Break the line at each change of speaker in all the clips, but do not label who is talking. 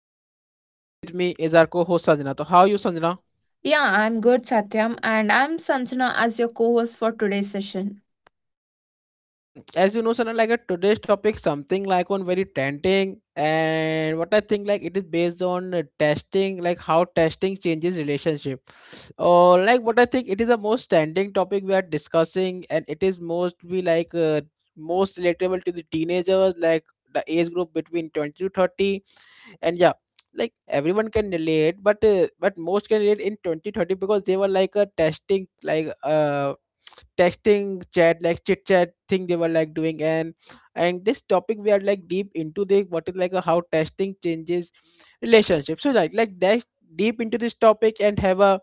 host Satyam and with me is our co-host Sanjana. So how are you Sanjana?
Yeah, I'm good, Satyam, and I'm Sanjana as your co host for today's session.
As you know Sanjana, like today's topic something like on very tempting and what I think like it is based on testing, like how testing changes relationship. Or like what I think it is the most trending topic we are discussing and it is mostly like most relatable to the teenagers like the age group between 20 to 30, and yeah, like everyone can relate but most can relate in 2030 because they were like a testing like texting chat like chit chat thing they were like doing and this topic we are like deep into the what is like a, how testing changes relationships, so like dash deep into this topic and have a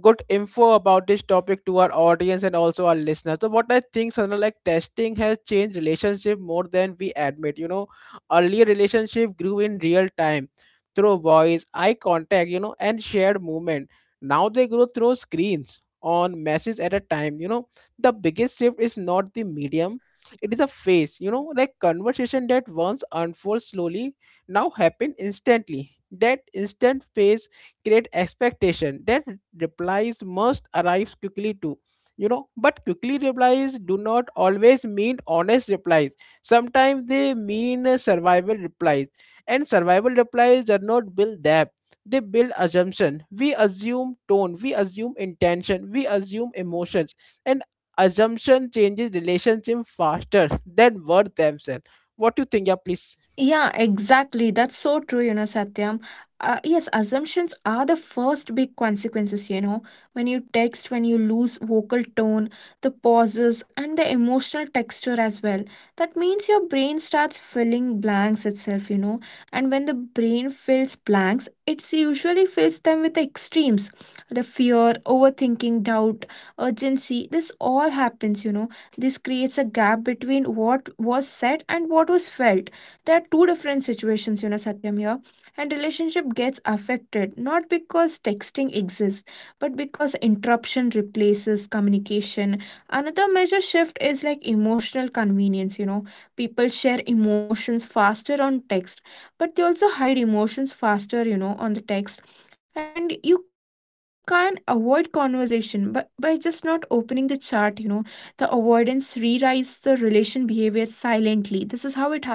good info about this topic to our audience and also our listeners. So what I think Sana, like testing has changed relationship more than we admit, you know. Earlier relationship grew in real time through voice, eye contact, you know, and shared movement. Now they grow through screens on messages at a time. You know, the biggest shift is not the
Yeah,
medium, it is a phase, you know, like conversation that once unfolds slowly now happen instantly. That instant phase create expectation that replies must arrive quickly too, you know, but quickly replies do not always mean honest replies. Sometimes they mean survival replies, and survival replies do not build depth. They build assumption. We assume tone, we assume intention, we assume emotions, and assumption changes relationship faster than words themselves. What do you think? Yeah, please.
Yeah, exactly. That's so true, you know, Satyam. Yes, assumptions are the first big consequences, you know. When you lose vocal tone, the pauses, and the emotional texture as well. That means your brain starts filling blanks itself, you know. And when the brain fills blanks, it usually fills them with the extremes. The fear, overthinking, doubt, urgency, this all happens, you know. This creates a gap between what was said and what was felt. There are two different situations, you know, Satyam here, and relationship gets affected not because texting exists, but because interruption replaces communication. Another major shift is like emotional convenience, you know. People share emotions faster on text, but they also hide emotions faster, you know, on the text. And you can avoid conversation but by just not opening the chat, you know. The avoidance rewrites the relation behavior silently. This is how it happens.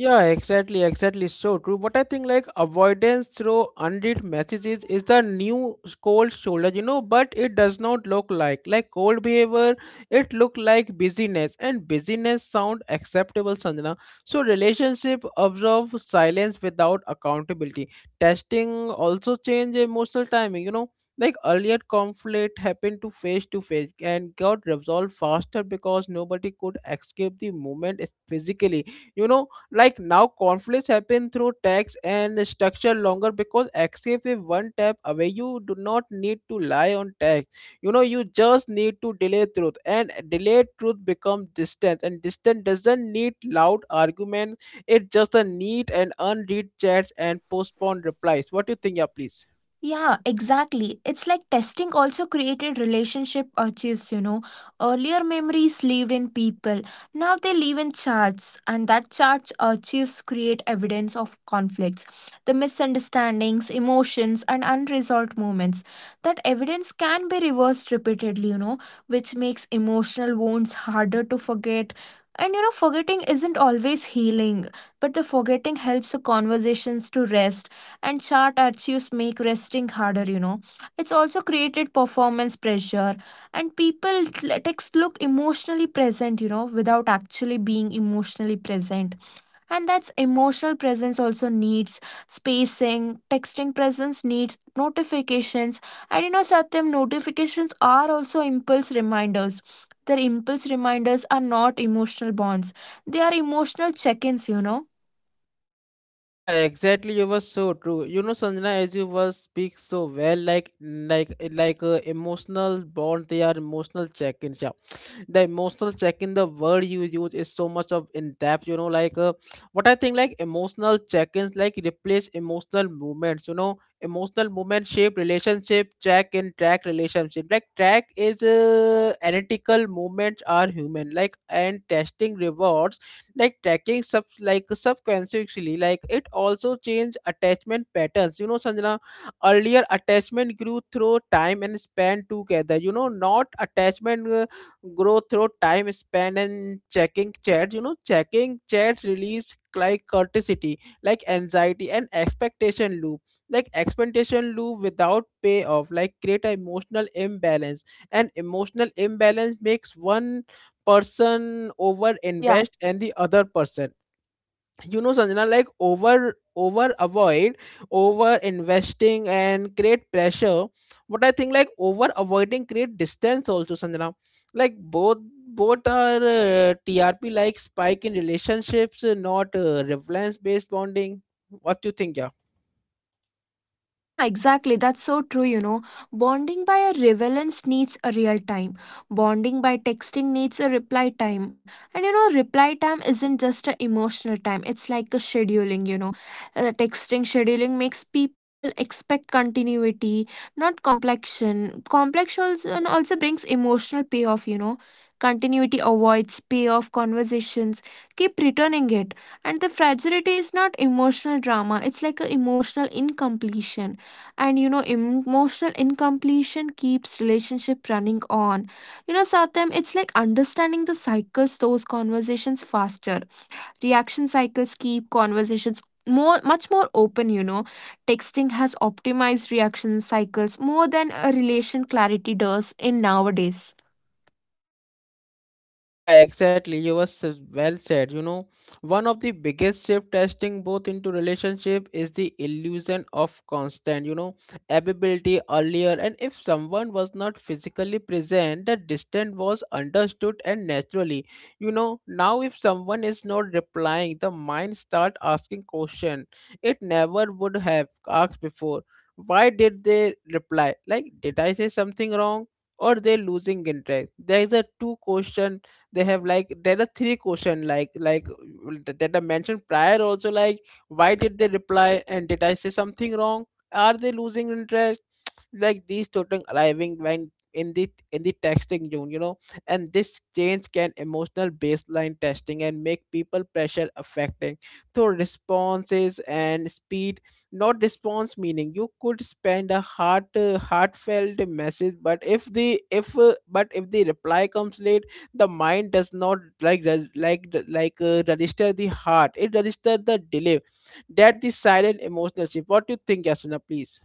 Yeah, exactly, exactly. So true. But I think like avoidance through unread messages is the new cold shoulder, you know, but it does not look like cold behavior, it look like busyness, and busyness sound acceptable, Sanjana. So relationship observe silence without accountability. Testing also change emotional timing, you know. Like earlier conflict happened to face and got resolved faster because nobody could escape the moment physically, you know. Like now conflicts happen through text and structure longer because access is one tap away. You do not need to lie on text, you know, you just need to delay truth, and delayed truth becomes distance, and distance doesn't need loud arguments, it just a need and unread chats and postponed replies. What do you think? Yeah, please.
Yeah, exactly. It's like testing also created relationship archives, you know. Earlier memories lived in people. Now they live in charts, and that charts archives create evidence of conflicts, the misunderstandings, emotions, and unresolved moments. That evidence can be reversed repeatedly, you know, which makes emotional wounds harder to forget. And you know, forgetting isn't always healing, but the forgetting helps the conversations to rest, and chart archives make resting harder, you know. It's also created performance pressure, and people let text look emotionally present, you know, without actually being emotionally present. And that's emotional presence also needs spacing. Texting presence needs notifications, and you know, Satyam, notifications are also impulse reminders. Their impulse reminders are not emotional bonds. They are emotional check-ins, you know.
Yeah, exactly. You were so true. You know, Sanjana, as you were speak so well, like emotional bond. They are emotional check-ins. Yeah. The emotional check in the word you use is so much of in depth, you know, like what I think like emotional check-ins like replace emotional movements, you know. Emotional movement shape relationship, check in track relationship, like track is analytical movements are human like, and testing rewards like tracking sub like subconsciously. Like it also change attachment patterns, you know Sanjana. Earlier attachment grew through time and span together, you know, not attachment growth through time spent and checking chats, you know. Checking chats release like corticity, like anxiety and expectation loop, like expectation loop without payoff like create an emotional imbalance, and emotional imbalance makes one person over
Yeah.
invest and the other person, you know Sanjana, like over avoid. Over investing and create pressure, but I think like over avoiding create distance also Sanjana, like both are TRP like spike in relationships, not relevance based bonding. What do you think? Yeah.
Yeah, exactly. That's so true, you know. Bonding by a relevance needs a real time. Bonding by texting needs a reply time. And you know, reply time isn't just an emotional time, it's like a scheduling, you know. Texting scheduling makes people expect continuity, not complexion. Complexion also brings emotional payoff, you know. Continuity avoids payoff conversations, keep returning it. And the fragility is not emotional drama, it's like an emotional incompletion, and you know, emotional incompletion keeps relationship running on. You know, Satyam, it's like understanding the cycles those conversations faster. Reaction cycles keep conversations more, much more open, you know. Texting has optimized reaction cycles more than a relation clarity does in nowadays.
Yeah, exactly. You was well said. You know, one of the biggest shift testing both into relationship is the illusion of constant, you know, ability earlier. And if someone was not physically present, the distance was understood and naturally. You know, now if someone is not replying, the mind start asking question it never would have asked before. Why did they reply? Like, did I say something wrong? Or they losing interest? There is a two question they have, like there are three question like that I mentioned prior also, like why did they reply, and did I say something wrong? Are they losing interest? Like these children arriving when in the texting zone, you know. And this change can emotional baseline testing and make people pressure affecting so responses and speed, not response meaning you could spend a heart heartfelt message, but if the if but if the reply comes late, the mind does not like register the heart, it register the delay. That the silent emotional shift. What do you think, Yasna, please?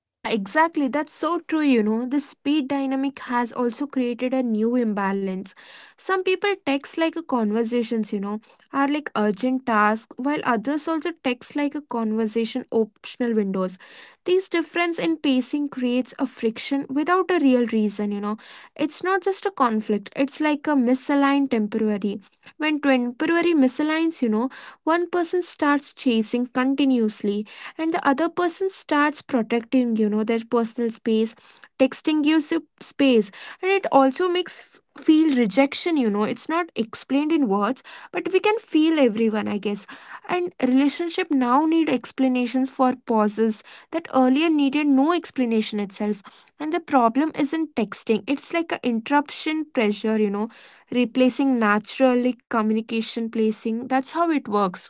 Yeah, exactly. That's so true, you know. The speed dynamic has also created a new imbalance. Some people text like a conversations, you know, are like urgent tasks, while others also text like a conversation optional windows. This difference in pacing creates a friction without a real reason, you know. It's not just a conflict, it's like a misaligned temporary. When temporary misaligns, you know, one person starts chasing continuously, and the other person starts protecting, you know, their personal space. Texting gives you space, and it also makes feel rejection, you know. It's not explained in words, but we can feel everyone, I guess. And relationship now need explanations for pauses that earlier needed no explanation itself. And the problem isn't texting, it's like an interruption pressure, you know, replacing naturally communication placing. That's how it works.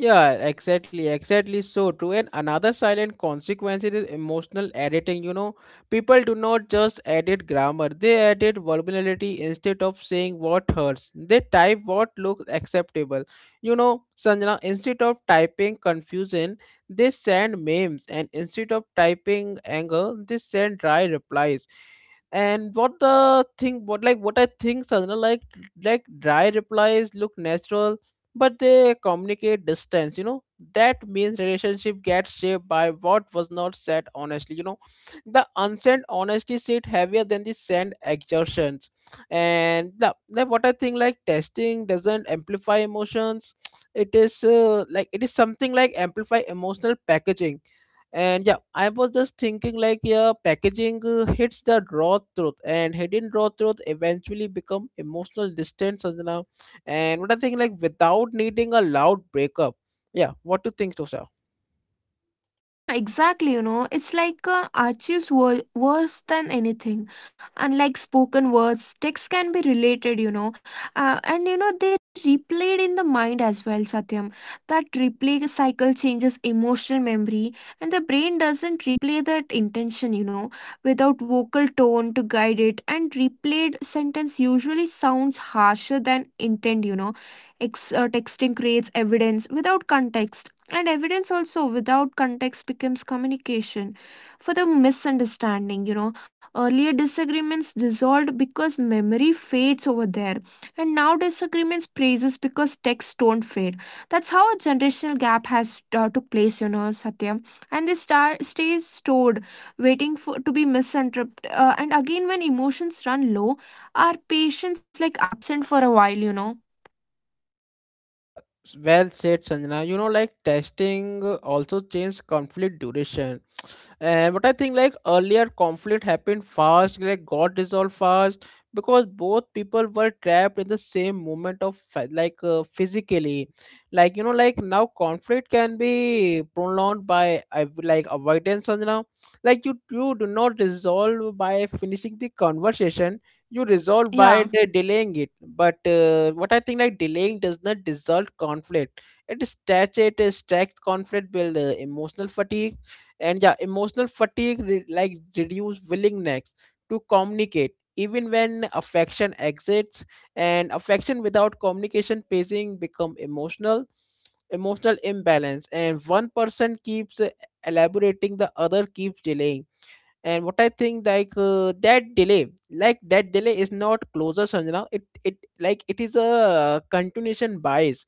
Yeah, exactly, exactly, so true. And another silent consequence is emotional editing. You know, people do not just edit grammar, they edit vulnerability. Instead of saying what hurts, they type what looks acceptable. You know, Sanjana, instead of typing confusion, they send memes, and instead of typing anger, they send dry replies. And what the thing what like what I think Sanjana, like dry replies look natural, but they communicate distance, you know. That means relationship gets shaped by what was not said honestly, you know. The unsaid honesty sit heavier than the said exertions. And the what I think like testing doesn't amplify emotions, it is like it is something like amplify emotional packaging. And yeah, I was just thinking like yeah packaging hits the raw truth, and hidden raw truth eventually become emotional distance Sanjana. And what I think, like without needing a loud breakup. Yeah, what do you think, Tosha?
Yeah, exactly. You know, it's like arches were worse than anything. Unlike spoken words, texts can be related, you know, and you know, they replayed in the mind as well, Satyam. That replay cycle changes emotional memory, and the brain doesn't replay that intention, you know, without vocal tone to guide it. And replayed sentence usually sounds harsher than intent, you know. Texting creates evidence without context, and evidence also without context becomes communication for the misunderstanding. You know, earlier disagreements dissolved because memory fades over there, and now disagreements praises because texts don't fade. That's how a generational gap has took place. You know, Satya, and this star stays stored, waiting for to be misinterpreted. And again, when emotions run low, our patience is like absent for a while. You know,
Yeah, well said, Sanjana. You know, like testing also changes conflict duration. And but I think like earlier conflict happened fast, like got resolved fast because both people were trapped in the same moment of physically, like you know. Like now conflict can be prolonged by like avoidance. And now, like you do not resolve by finishing the conversation, you resolve by
yeah.
delaying it. But what I think like delaying does not dissolve conflict. It stretches, it stacks conflict, build emotional fatigue. And yeah, emotional fatigue reduce willingness to communicate even when affection exits, and affection without communication pacing become emotional imbalance, and one person keeps elaborating, the other keeps delaying. And what I think like that delay is not closure Sanjana, it is a continuation bias.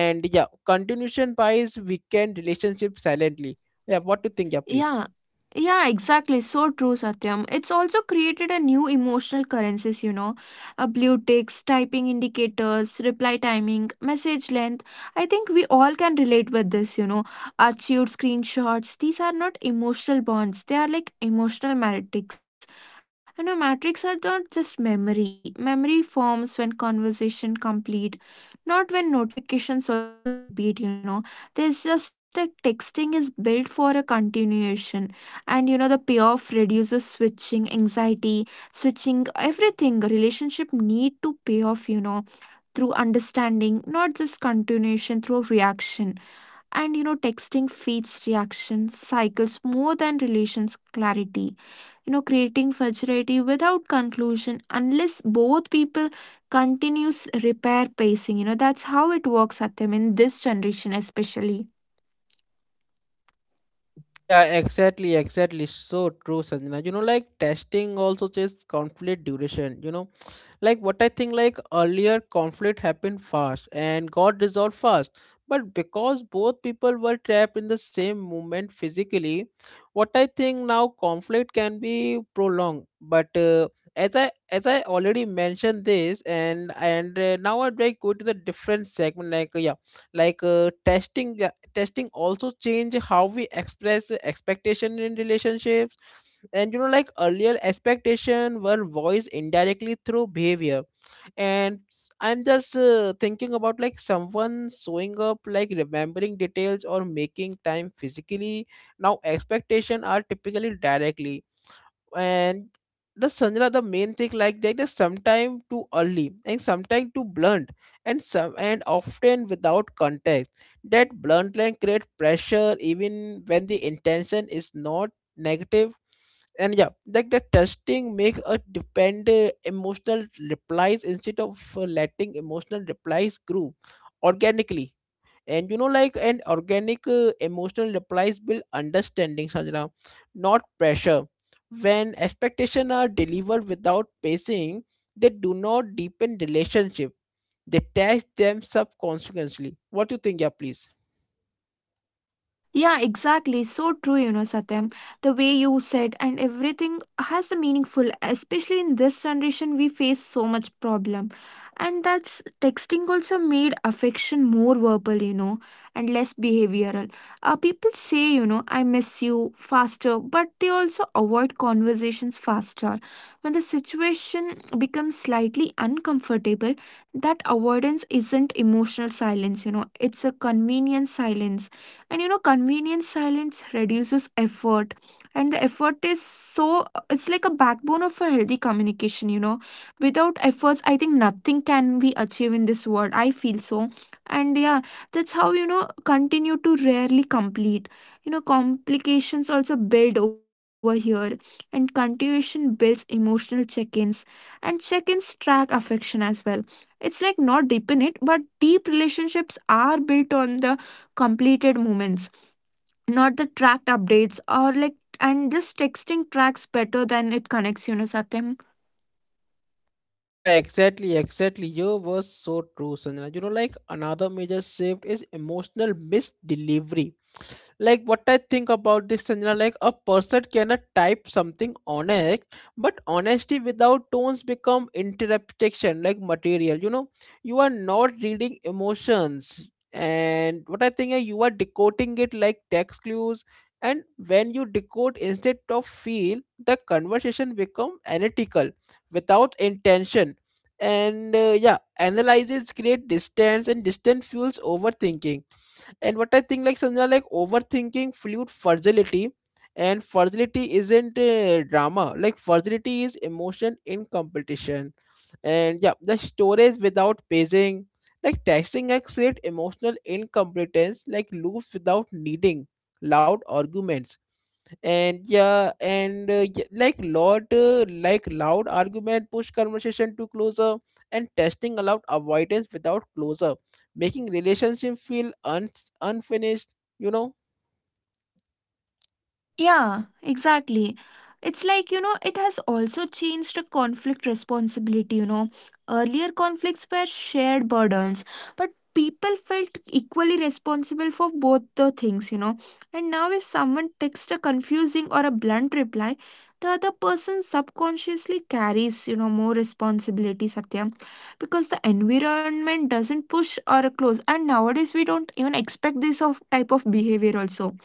And yeah, continuation bias weaken relationship silently. Yeah, what do you think? Yeah, please.
Yeah, yeah, exactly. So true, Satyam. It's also created a new emotional currencies, you know, a blue ticks, typing indicators, reply timing, message length. I think we all can relate with this, you know, archived screenshots. These are not emotional bonds, they are like emotional matrix. You know, matrix are not just memory. Memory forms when conversation complete, not when notifications also repeat, you know. There's just like texting is built for a continuation, and you know, the payoff reduces switching anxiety. Switching everything a relationship need to pay off, you know, through understanding, not just continuation through reaction. And you know, texting feeds reaction cycles more than relations clarity, you know, creating fragility without conclusion unless both people continues repair pacing, you know. That's how it works at them in this generation especially.
Yeah, exactly, exactly. So true, Sanjana. You know, like testing also just conflict duration. You know, like what I think, like earlier conflict happened fast and got resolved fast. But because both people were trapped in the same moment physically, what I think now conflict can be prolonged. But as I already mentioned this, and now I'd like go to the different segment. Like yeah, like testing. Yeah, testing also change how we express expectation in relationships. And you know, like earlier expectation were voiced indirectly through behavior, and I'm just thinking about like someone showing up like remembering details or making time physically. Now expectation are typically directly. And the Sandra, the main thing like that is sometimes too early and sometimes too blunt, and some and often without context. That blunt line creates pressure even when the intention is not negative. And yeah, like the testing makes a depend emotional replies instead of letting emotional replies grow organically. And you know, like an organic emotional replies build understanding Sajna, not pressure. When expectations are delivered without pacing, they do not deepen relationship, they test them subconsciously. What do you think? Yeah, please.
Yeah, exactly. So true, you know, Satyam. The way you said and everything has the meaningful, especially in this generation, we face so much problem. And that's texting also made affection more verbal, you know, and less behavioral. People say, you know, I miss you faster, but they also avoid conversations faster. When the situation becomes slightly uncomfortable, that avoidance isn't emotional silence, you know, it's a convenient silence. And you know, convenient silence reduces effort, and the effort is so, it's like a backbone of a healthy communication, you know. Without efforts I think nothing can be achieved in this world, I feel so. And yeah, that's how, you know, continue to rarely complete. You know, complications also build over here, and continuation builds emotional check-ins, and check-ins track affection as well. It's like not deepen it, but deep relationships are built on the completed moments, not the tracked updates or like. And this texting tracks better than it connects, you know, Satyam.
Yeah, exactly, exactly. You was so true, Sanjana. You know, like another major shift is emotional misdelivery. Like what I think about this Sanjana, like a person cannot type something honest, but honesty without tones become interpretation like material, you know. You are not reading emotions, and what I think you are decoding it like text clues. And when you decode instead of feel, the conversation become analytical without intention. And yeah, analyzes create distance, and distance fuels overthinking. And what I think, like Sanjana, like overthinking fluid fragility, and fragility isn't drama. Like fragility is emotion in competition, and yeah, the storage without pacing, like texting acts create emotional incompetence, like loops without needing loud arguments. And yeah, and y- like lot like loud argument push conversation to closer, and testing allowed avoidance without closure, making relationship feel unfinished, you know.
Yeah, exactly. It's like, you know, it has also changed the conflict responsibility, you know. Earlier conflicts were shared burdens, but people felt equally responsible for both the things, you know. And now if someone texts a confusing or a blunt reply, the other person subconsciously carries, you know, more responsibility, Satya, because the environment doesn't push or close. And nowadays we don't even expect this of type of behavior also,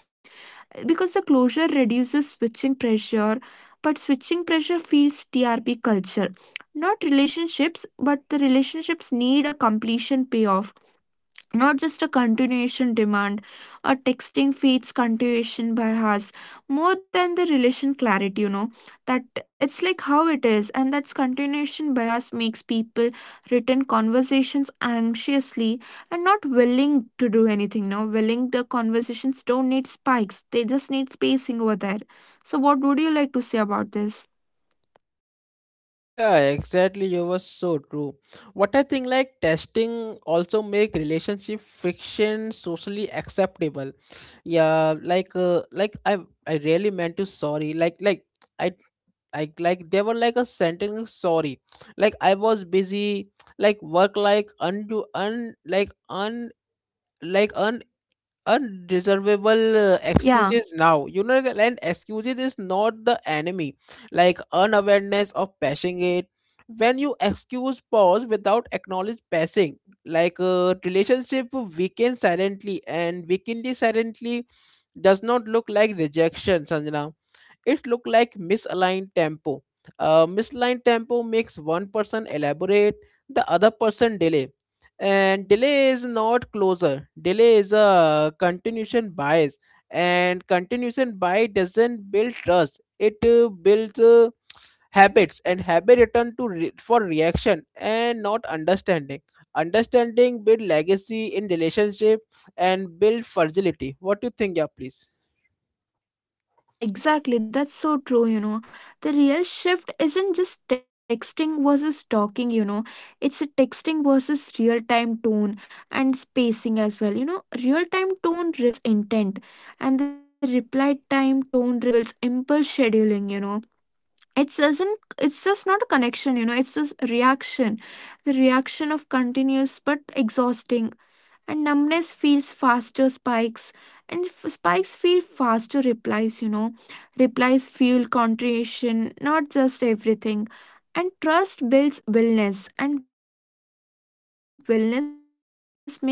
because the closure reduces switching pressure, but switching pressure feeds trp culture, not relationships. But the relationships need a completion payoff, not just a continuation demand. Or texting feeds continuation by us more than the relation clarity, you know. That, it's like how it is, and that's continuation bias makes people return conversations anxiously and not willing to do anything. Now willing the conversations don't need spikes, they just need spacing over there. So what would you like to say about this?
Yeah, exactly. You were so true. What I think like testing also make relationship friction socially acceptable. Yeah, like I really meant to sorry. Like I like they were like a sentence sorry. Like I was busy. Like work like undo un like unreservable excuses
Yeah.
now like, and excuses is not the enemy like unawareness of passing it when you excuse pause without acknowledge passing like a relationship weaken silently and weakenly silently does not look like rejection, Sanjana. It looked like misaligned tempo. Misaligned tempo makes one person elaborate, the other person delay. And delay is not closure. Delay is a continuation bias, and continuation bias doesn't build trust. It builds. Habits and habit return to for reaction and not understanding. Understanding build legacy in relationship and build fragility. What do you think? Yeah, please.
Yeah, exactly. That's so true, you know. The real shift isn't just texting versus talking, you know. It's a texting versus real time tone and spacing as well. You know, real time tone reveals intent, and the reply time tone reveals impulse scheduling, you know. It doesn't, it's just not a connection, you know, it's just a reaction. The reaction of continuous but exhausting, and numbness feels faster spikes, and spikes feel faster replies, you know. Replies fuel contrition, not just everything, and trust builds wellness, and wellness makes relationships stronger than you could ever.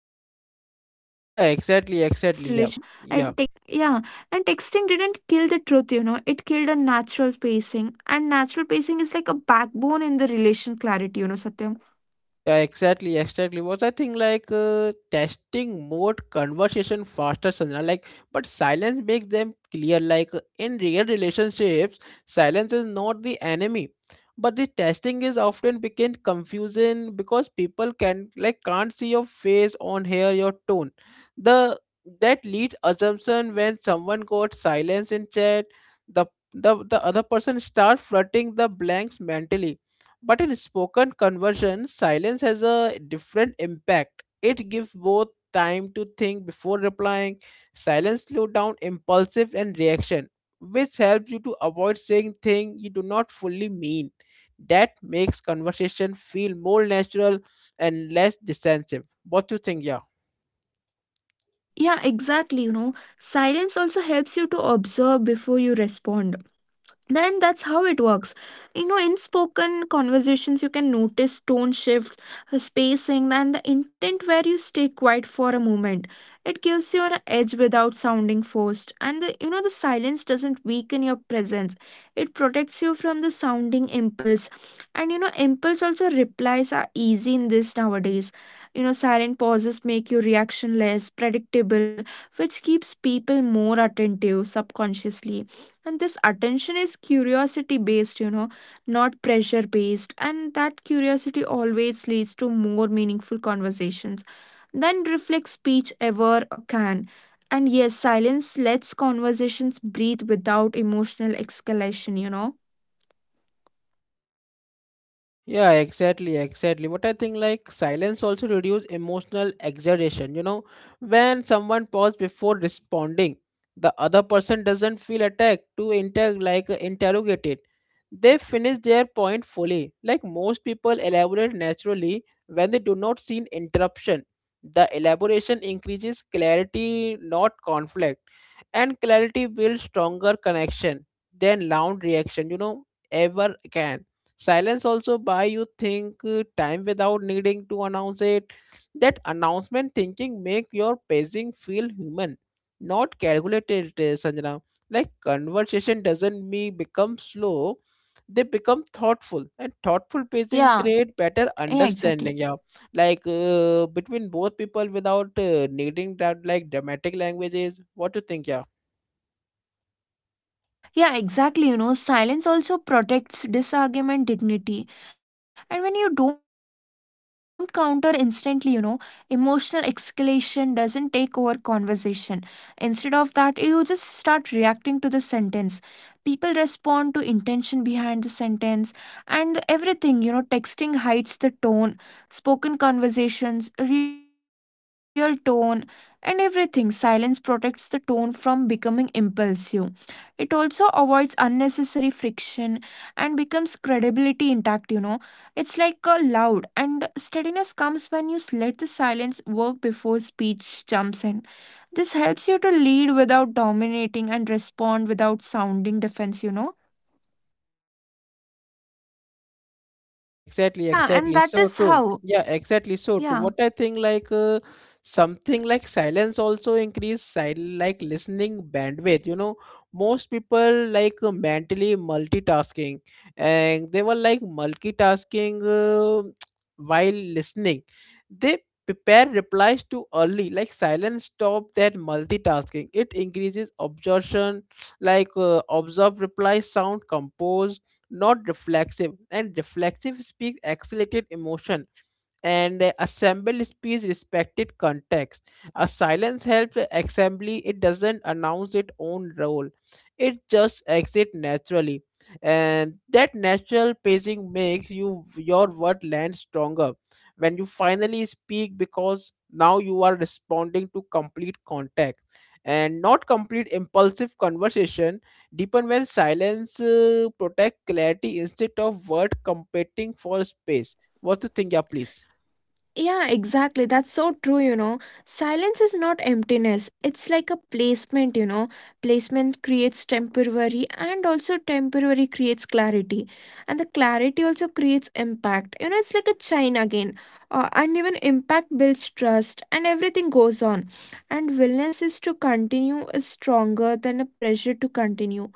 And that's how it goes on, you
Yeah,
know.
exactly,
And
exactly. Yeah,
texting didn't,
yeah.
yeah. And texting didn't kill the truth, you know. It killed a natural pacing, and natural pacing is like a backbone in the relation clarity, you know, Satyam.
Yeah, exactly, exactly. Was I think like testing mode conversation faster, Sanjana. Like, but silence makes them clear. Like in real relationships, silence is not the enemy, but the testing is often became confusing because people can't see your face on hear your tone. The That leads assumption when someone got silence in chat, the the other person start flirting the blanks mentally, but in spoken conversion, silence has a different impact. It gives both time to think before replying. Silence slows down impulsive and reaction, which helps you to avoid saying things you do not fully mean. That makes conversation feel more natural and less defensive. What do you think, yeah?
Yeah, exactly, you know. Silence also helps you to observe before you respond, then that's how it works, you know. In spoken conversations you can notice tone shifts, spacing and the intent. Where you stay quiet for a moment, it gives you an edge without sounding forced. And the, you know, the silence doesn't weaken your presence, it protects you from the sounding impulse. And you know, impulse also replies are easy in this nowadays. You know, silent pauses make you reaction less predictable, which keeps people more attentive subconsciously. And this attention is curiosity based, you know, not pressure based, and that curiosity always leads to more meaningful conversations than reflect speech ever or can. And yes, silence lets conversations breathe without emotional escalation, you know.
Yeah, exactly, exactly. But I think like silence also reduce emotional exaggeration. You know, when someone pauses before responding, the other person doesn't feel attacked to interrogated. They finish their point fully. Like most people elaborate naturally when they do not see an interruption. The elaboration increases clarity, not conflict, and clarity builds stronger connection than loud reaction, you know, ever can. Silence also buy you think time without needing to announce it. That announcement thinking make your pacing feel human, not calculated, Sanjana. Like conversation doesn't me become slow, they become thoughtful, and thoughtful pacing
Yeah,
create better
yeah,
understanding.
exactly.
Yeah, like between both people without needing that like dramatic languages. What do you think? Yeah.
Yeah, exactly. You know, silence also protects disargument dignity. And when you don't counter instantly, you know, emotional escalation doesn't take over conversation. Instead of that, you just start reacting to the sentence. People respond to intention behind the sentence and everything, you know. Texting hides the tone, spoken conversations, real tone, and everything. Silence protects the tone from becoming impulsive, it also avoids unnecessary friction and becomes credibility intact, you know. It's like a loud and steadiness comes when you let the silence work before speech jumps in. This helps you to lead without dominating and respond without sounding defense, you know.
Yeah, exactly,
Yeah, and
exactly.
that
So
is
true.
how.
Yeah, exactly. So true.
Yeah.
What I think, like something like silence also increase sil like listening bandwidth. You know, most people like mentally multitasking, and they were like multitasking while listening. They prepare replies too early. Like silence stop that multitasking. It increases absorption. Like observed replies sound composed, not reflexive, and reflexive speaks accelerated emotion, and assemble speech respected context. A silence helps assembly, it doesn't announce its own role, it just exits naturally. And that natural pacing makes you your word land stronger when you finally speak, because now you are responding to complete context and not complete impulsive. Conversation deepen when silence protect clarity instead of word competing for space. What to think? Yeah, please.
Yeah, exactly. That's so true, you know. Silence is not emptiness. It's like a placement, you know. Placement creates temporary and also temporary creates clarity. And the clarity also creates impact. You know, it's like a chain again. And even impact builds trust and everything goes on. And willingness is to continue is stronger than a pressure to continue.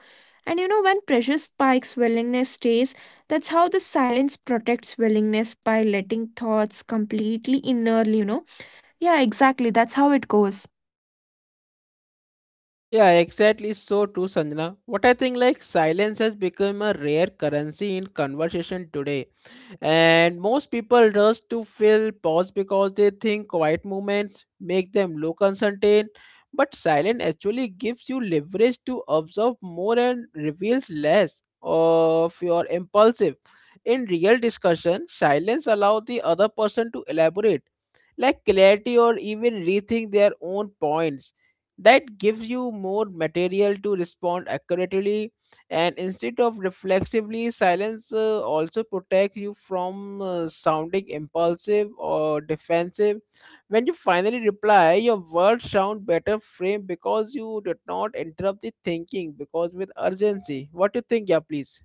And you know, when pressure spikes, willingness stays, that's how the silence protects willingness by letting thoughts completely innerly, you know. Yeah, exactly. That's how it goes.
Yeah, exactly. So true, Sanjana. What I think, like silence has become a rare currency in conversation today. And most people rush to fill pause because they think quiet moments make them look uncertain, but silence actually gives you leverage to observe more and reveals less of your impulsive. In real discussion, silence allows the other person to elaborate, like clarity or even rethink their own points. That gives you more material to respond accurately and instead of reflexively, silence also protects you from sounding impulsive or defensive. When you finally reply, your words sound better framed because you did not interrupt the thinking because with urgency. What do you think? Yeah, please.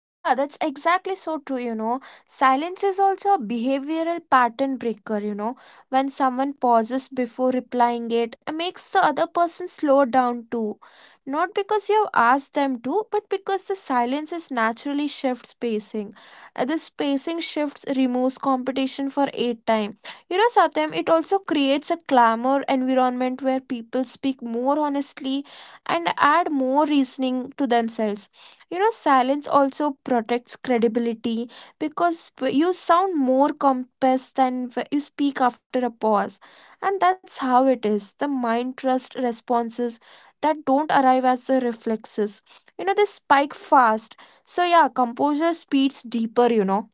Yeah, that's exactly so true, you know. Silence is also a behavioral pattern breaker, you know. When someone pauses before replying it, makes the other person slow down too. Not because you've asked them to, but because the silence is naturally shifts pacing. This pacing shifts removes competition for eight time. You know, Satyam, it also creates a clamor environment where people speak more honestly and add more reasoning to themselves. You know, silence also protects credibility, because you sound more compassed than you speak after a pause, and that's how it is. The mind trust responses that don't arrive as the reflexes, you know, they spike fast. So yeah, composure speeds deeper, you know.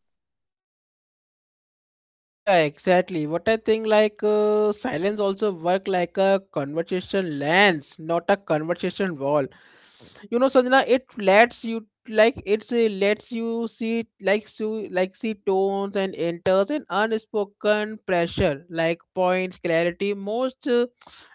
Yeah, exactly. What I think like silence also work like a conversation lens, not a conversation wall. You know, Sanjana, it lets you like it's lets you see see tones and enters and unspoken pressure like points clarity most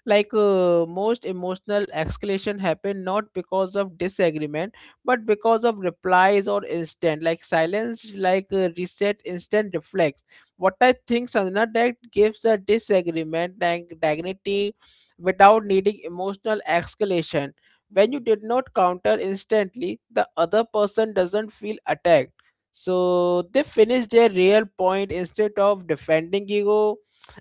like most emotional escalation happen not because of disagreement, but because of replies or instant like silence like reset instant reflex. What I think, Sanjana, that gives the disagreement like dignity without needing emotional escalation. When you did not counter instantly, the other person doesn't feel attacked, so they finish their real point instead of defending ego,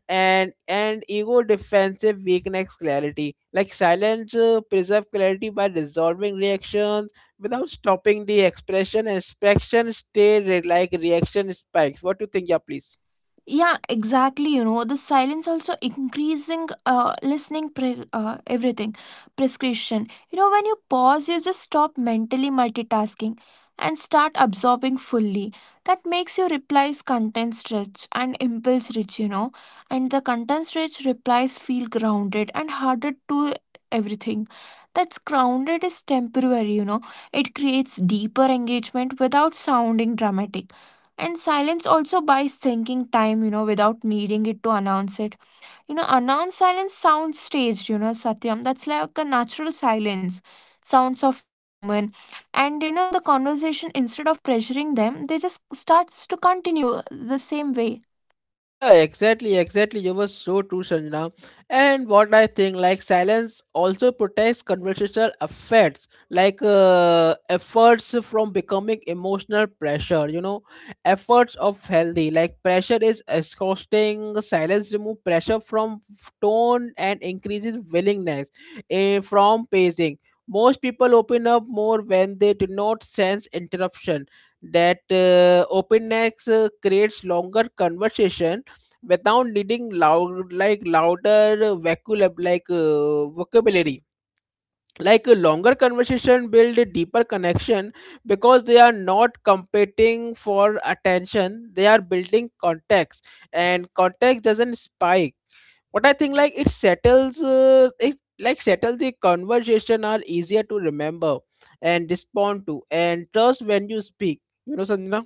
and ego defensive weakness clarity, like silence preserve clarity by resolving reactions without stopping the expression, and expression stay reaction spikes. What do you think? Yeah, please.
Yeah, exactly. You know, the silence also increasing listening everything prescription. You know, when you pause, you just stop mentally multitasking and start absorbing fully. That makes your replies content rich and impulse rich, you know, and the content rich replies feel grounded and harder to everything. That's grounded is temporary, you know, it creates deeper engagement without sounding dramatic. And silence also buys thinking time, you know, without needing it to announce it. You know, announced silence sounds staged, you know, Satyam. That's like a natural silence, sounds of human. And, you know, the conversation, instead of pressuring them, they just starts to continue the same way.
Yeah, exactly, exactly. You were so true, Sanjana. And what I think, like silence also protects conversational effects, like efforts from becoming emotional pressure. You know, efforts of healthy, like pressure is exhausting. Silence remove pressure from tone and increases willingness from pacing. Most people open up more when they do not sense interruption. That openness creates longer conversation without needing loud like louder vocab like vocabulary, like a longer conversation build a deeper connection because they are not competing for attention, they are building context, and context doesn't spike. What I think, like it settles, it like settle the conversation are easier to remember and respond to and trust when you speak, you know, Sanjana.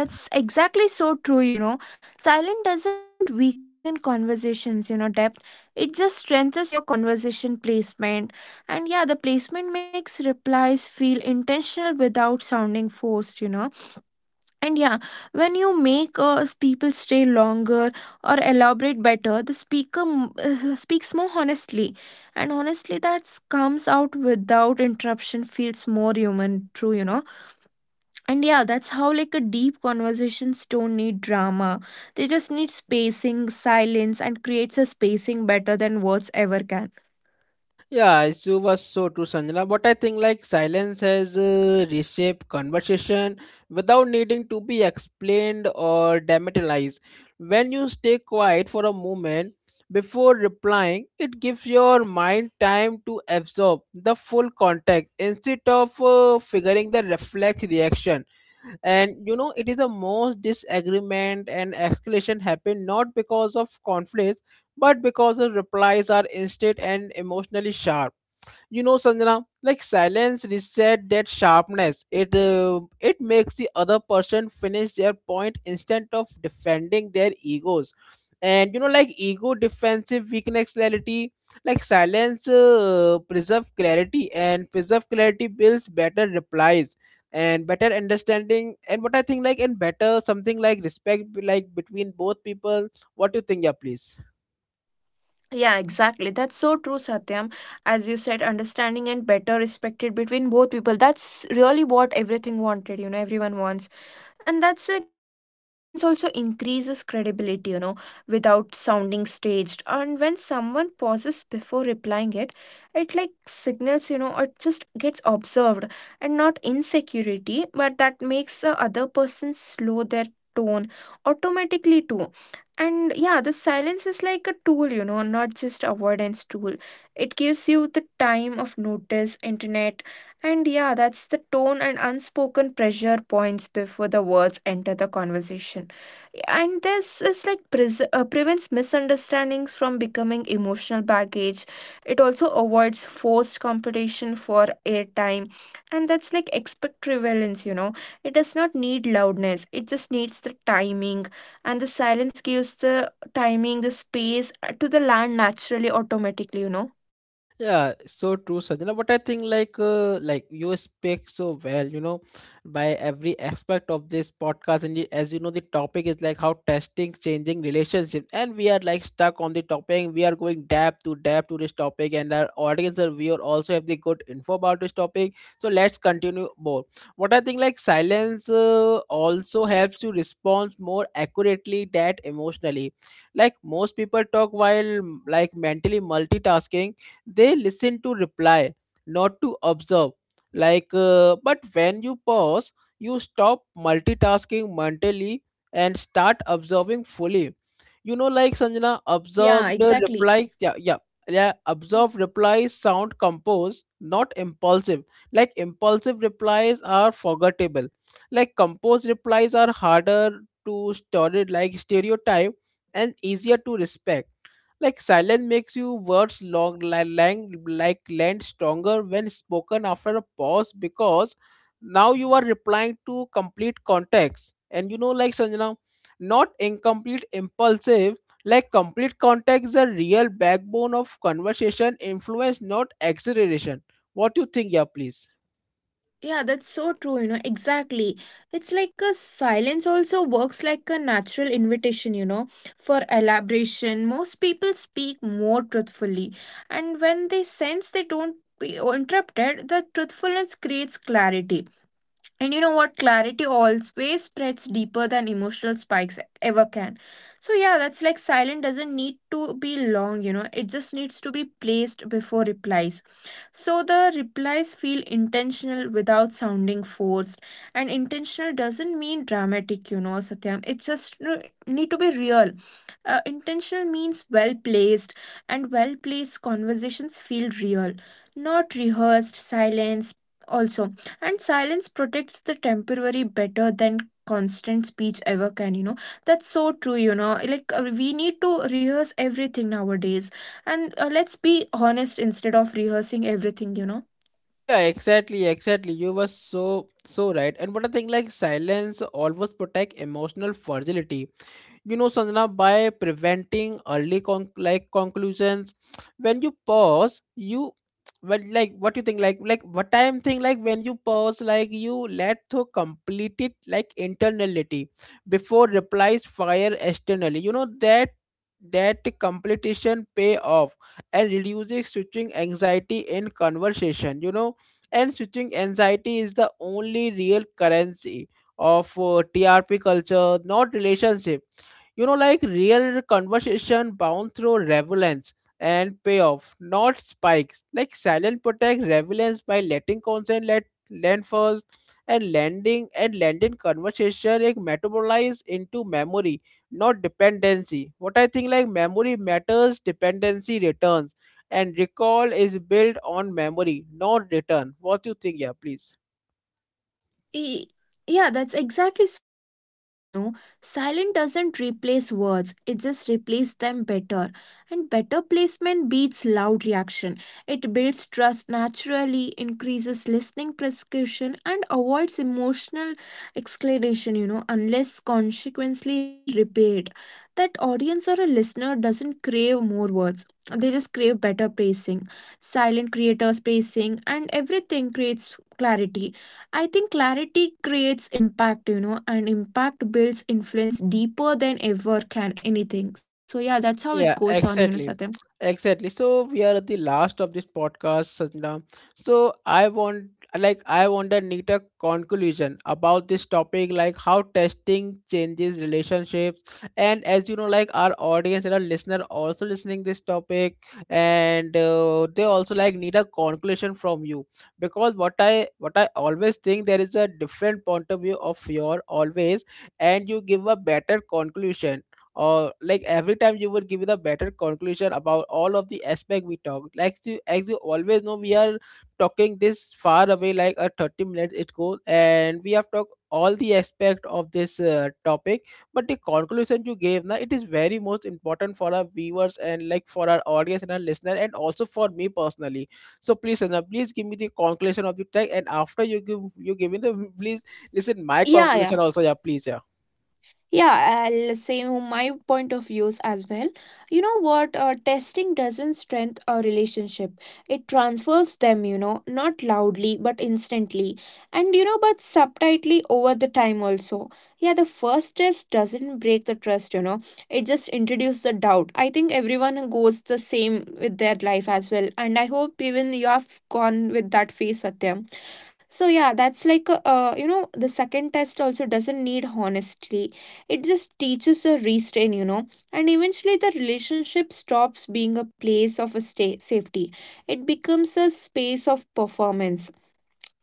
Yeah, that's exactly so true, you know. Silent doesn't weaken conversations, you know, depth. It just strengthens your conversation placement. And yeah, the placement makes replies feel intentional without sounding forced, you know. And yeah, when you make people stay longer or elaborate better, the speaker speaks more honestly. And honestly, that comes out without interruption feels more human, true, you know. And yeah, that's how like a deep conversations don't need drama. They just need spacing, silence, and creates a spacing better than words ever can.
Yeah, you was so true, Sanjana. But I think like silence has reshaped conversation without needing to be explained or dramatized. When you stay quiet for a moment before replying, it gives your mind time to absorb the full context instead of figuring the reflex reaction. And you know, it is the most disagreement and escalation happen not because of conflict but because the replies are instant and emotionally sharp. You know, Sanjana, like silence reset that sharpness. It it makes the other person finish their point instead of defending their egos. And you know, like ego defensive weakness clarity, like silence preserve clarity, and preserve clarity builds better replies and better understanding. And what I think, like, and better something like respect, like between both people. What do you think, yeah, please?
Yeah, exactly. That's so true, Satyam. As you said, understanding and better respected between both people. That's really what everything wanted, you know, everyone wants. And that's like a silence also increases credibility, you know, without sounding staged. And when someone pauses before replying it, it like signals, you know, it just gets observed and not insecurity, but that makes the other person slow their tone automatically too. And yeah, the silence is like a tool, you know, not just avoidance tool. It gives you the time of notice internet. And yeah, that's the tone and unspoken pressure points before the words enter the conversation. And this is like prevents misunderstandings from becoming emotional baggage. It also avoids forced competition for airtime. And that's like expect prevalence, you know. It does not need loudness, it just needs the timing. And the silence gives the timing, the space to the land naturally, automatically, you know.
Yeah, so true, Sanjana. But I think like you speak so well, you know, by every aspect of this podcast. And as you know, the topic is like how testing changing relationships, and we are like stuck on the topic. We are going depth to depth to this topic, and our audience and viewer also have the good info about this topic. So let's continue more. What I think like silence also helps to respond more accurately that emotionally. Like most people talk while like mentally multitasking, they listen to reply, not to observe. Like, but when you pause, you stop multitasking mentally and start observing fully. You know, like Sanjana,
Yeah,
observe the
exactly.
replies. Yeah, yeah. Yeah, observe replies sound composed, not impulsive. Like impulsive replies are forgettable. Like composed replies are harder to store it like stereotype and easier to respect, like silence makes you words long li- lang, like land stronger when spoken after a pause, because now you are replying to complete context. And you know, like Sanjana, not incomplete impulsive, like complete context is a real backbone of conversation, influence, not acceleration. What do you think, yeah, please?
Yeah, that's so true, you know, exactly. It's like a silence also works like a natural invitation, you know, for elaboration. Most people speak more truthfully, and when they sense they don't be interrupted, the truthfulness creates clarity. And you know what? Clarity always spreads deeper than emotional spikes ever can. So, yeah, that's like silent doesn't need to be long, you know, it just needs to be placed before replies. So, the replies feel intentional without sounding forced. And intentional doesn't mean dramatic, you know, Satyam. It just need to be real. Intentional means well placed, and well placed conversations feel real, not rehearsed, silence. Also, and silence protects the temporary better than constant speech ever can, you know. That's so true, you know, like we need to rehearse everything nowadays. And let's be honest instead of rehearsing everything, you know.
Yeah, exactly, exactly. You were so so right. And what I think like silence always protect emotional fragility, you know, Sanjana, by preventing early con- like conclusions. When you pause you, but like what you think like what I'm thinking, like when you pause, like you let to complete it like internality before replies fire externally. You know, that completion pay off and reducing switching anxiety in conversation. You know, and switching anxiety is the only real currency of TRP culture, not relationship. You know, like real conversation bound through relevance and payoff, not spikes, like silent protect relevance by letting consent let land first, and landing conversation like metabolize into memory, not dependency. What I think, like memory matters, dependency returns, and recall is built on memory, not return. What you think? Yeah, please.
Y- Yeah, that's exactly so true, you know. Silent doesn't replace words, it just replaces them better. And better placement beats loud reaction. It builds trust naturally, increases listening prescription, and avoids emotional exclamation, you know, unless consequently repaid. That audience or a listener doesn't crave more words. They just crave better pacing. Silent creators pacing and everything creates clarity. I think clarity creates impact, you know, and impact builds influence deeper than ever can anything. So yeah, that's how it goes
Yeah,
on, you know, Satyam.
exactly. Exactly. So we are at the last of this podcast, Sanjana. So I want a neater conclusion about this topic, like how testing changes relationships. And as you know, like our audience and our listener also listening this topic, and they also like need a conclusion from you because what I always think there is a different point of view of your always, and you give a better conclusion or like every time you would give it a better conclusion about all of the aspect we talked like you as you always know we are talking this far away like a 30 minutes it goes and we have talked all the aspect of this topic, but the conclusion you gave now it is very most important for our viewers and like for our audience and our listener and also for me personally. So please Sanjay, please give me the conclusion of the tag and after you give me the please listen my
Yeah, yeah.
conclusion also. Yeah, please. Yeah,
Yeah, I'll say my point of views as well. You know what? Testing doesn't strengthen a relationship. It transfers them, you know, not loudly but instantly. And you know, but subtly over the time also. Yeah, the first test doesn't break the trust, you know. It just introduces the doubt. I think everyone goes the same with their life as well. And I hope even you have gone with that phase, Satyam. So yeah, that's like a, you know, the second test also doesn't need honesty. It just teaches a restraint, you know. And eventually the relationship stops being a place of a stay safety. It becomes a space of performance.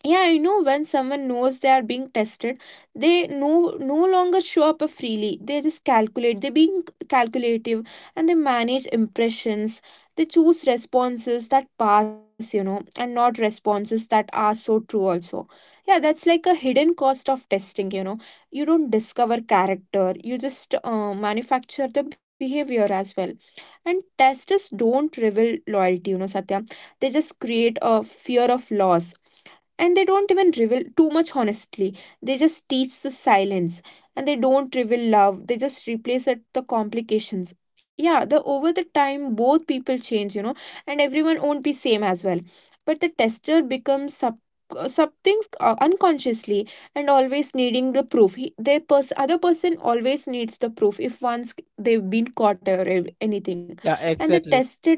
Yeah, you know, when someone knows they are being tested, they no no longer show up freely. They just calculate, they being calculative, and they manage impressions. They choose responses that pass, you know, and not responses that are so true also. Yeah, that's like a hidden cost of testing, you know. You don't discover character, you just manufacture the behavior as well. And testers don't reveal loyalty, you know, Satya. They just create a fear of loss. And they don't even reveal too much honestly, they just teach the silence. And they don't reveal love, they just replace it the complications. Yeah, the over the time both people change, you know, and everyone won't be same as well. But the tester becomes sub, something unconsciously, and always needing the proof. He, the other person always needs the proof if once they've been caught or anything.
yeah,
And the
exactly.
tester,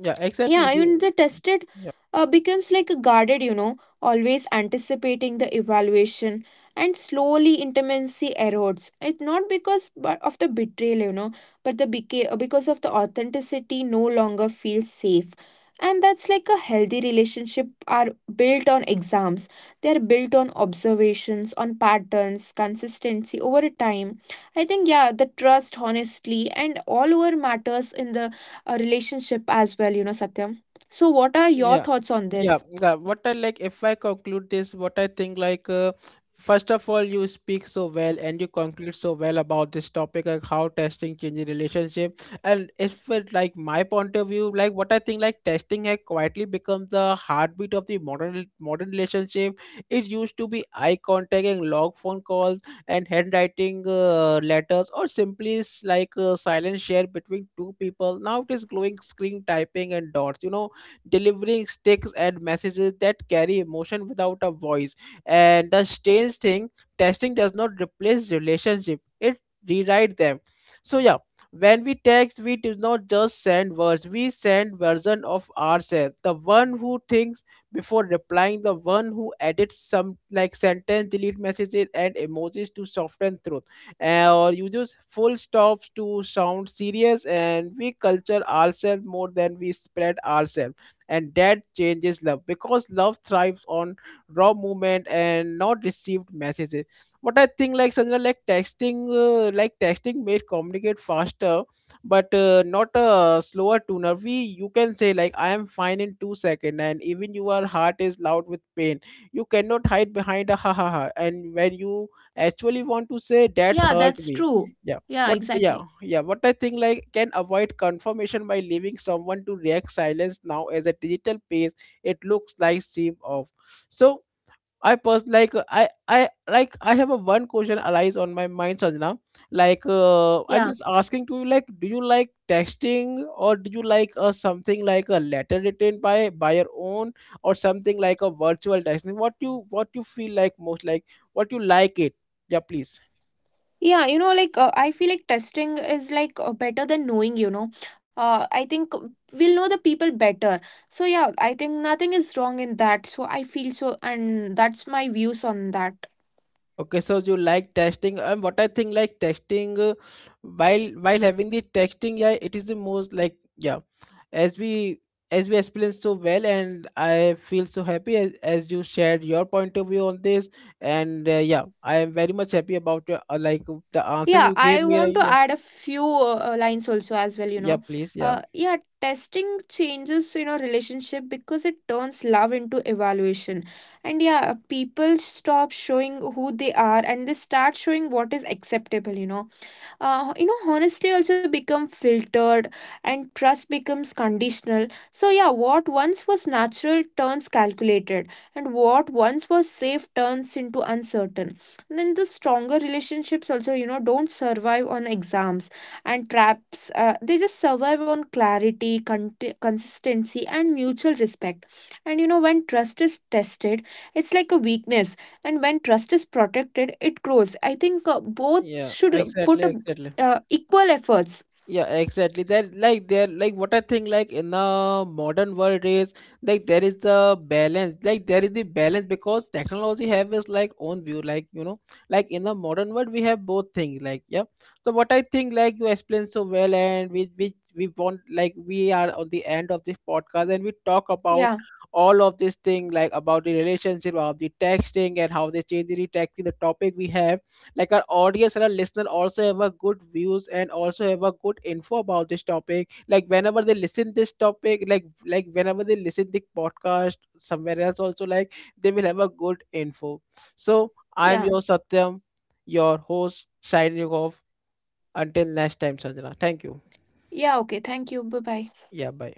Yeah, exactly.
yeah, even
You,
the tested becomes like a guarded, you know, always anticipating the evaluation. And slowly intimacy erodes. It's not because but of the betrayal, you know, but the because of the authenticity no longer feels safe. And that's like a healthy relationship are built on exams. They are built on observations, on patterns, consistency over a time. I think yeah, the trust honestly and all over matters in the a relationship as well, you know, Satyam. So, what are your
yeah.
thoughts on
yeah
this?
yeah what I like, if I conclude this, what I think like first of all you speak so well and you conclude so well about this topic like how testing changes relationship. And if it like my point of view, like what I think, like testing has quietly become the heartbeat of the modern relationship. It used to be eye contact and log phone calls and handwriting letters, or simply like silent share between two people. Now it is glowing screen typing and dots, you know, delivering sticks and messages that carry emotion without a voice. And the strange thing, testing does not replace relationship; it rewrite them. So yeah, when we text, we do not just send words; we send version of ourselves. The one who thinks before replying, the one who edits some like sentence, delete messages, and emojis to soften truth, or uses full stops to sound serious, and we culture ourselves more than we spread ourselves. And that changes love, because love thrives on raw movement and not received messages. What I think like, Sandra, like texting, like texting made communicate faster but not a slower tuner. We you can say like I am fine in 2 seconds and even your heart is loud with pain. You cannot hide behind a ha ha ha, and when you actually want to say that
Yeah,
hurt
that's
me.
true.
Yeah,
Yeah,
what, yeah
exactly.
yeah what I think like can avoid confirmation by leaving someone to react silence. Now as a digital page it looks like seem off. So like I like I have a one question arise on my mind, Sanjana. Like I'm
Yeah.
just asking to you, like, do you like texting or do you like something like a letter written by your own, or something like a virtual texting? What you feel like most, like what you like it? Yeah, please.
Yeah, you know, like I feel like testing is like better than knowing, you know. I think we'll know the people better. So, yeah, I think nothing is wrong in that. So, I feel so, and that's my views on that.
Okay, so you like testing, and what I think like testing, while having the testing, yeah, it is the most like, yeah, as we as we explained so well, and I feel so happy as you shared your point of view on this, and yeah, I am very much happy about your like the answer
Yeah,
you gave
I
me.
want
Right?
to
Yeah,
add a few lines also as well, you
yeah,
know.
please, yeah,
Yeah, testing changes, you know, relationship because it turns love into evaluation. And yeah, people stop showing who they are and they start showing what is acceptable, you know. You know honesty also become filtered, and trust becomes conditional. So yeah, what once was natural turns calculated, and what once was safe turns into uncertain. And then the stronger relationships also, you know, don't survive on exams and traps. They just survive on clarity, consistency and mutual respect. And you know, when trust is tested, it's like a weakness, and when trust is protected it grows. I think both
yeah,
should
exactly,
put a
exactly.
equal efforts.
Yeah, exactly, that like there, like what I think, like in the modern world is like there is the balance, like there is the balance, because technology have its like own view, like you know, like in the modern world we have both things, like yeah. So what I think, like, you explained so well, and we want, like we are on the end of this podcast, and we talk about
Yeah,
all of this thing, like about the relationship of the texting and how they change the texting, the topic we have like our audience and our listener also have a good views and also have a good info about this topic, like whenever they listen this topic, like whenever they listen the podcast somewhere else also, like they will have a good info. So I'm
yeah,
your Satyam, your host, signing off. Until next time, Sanjana, thank you.
yeah. Okay, thank you. Bye bye.
Yeah, bye.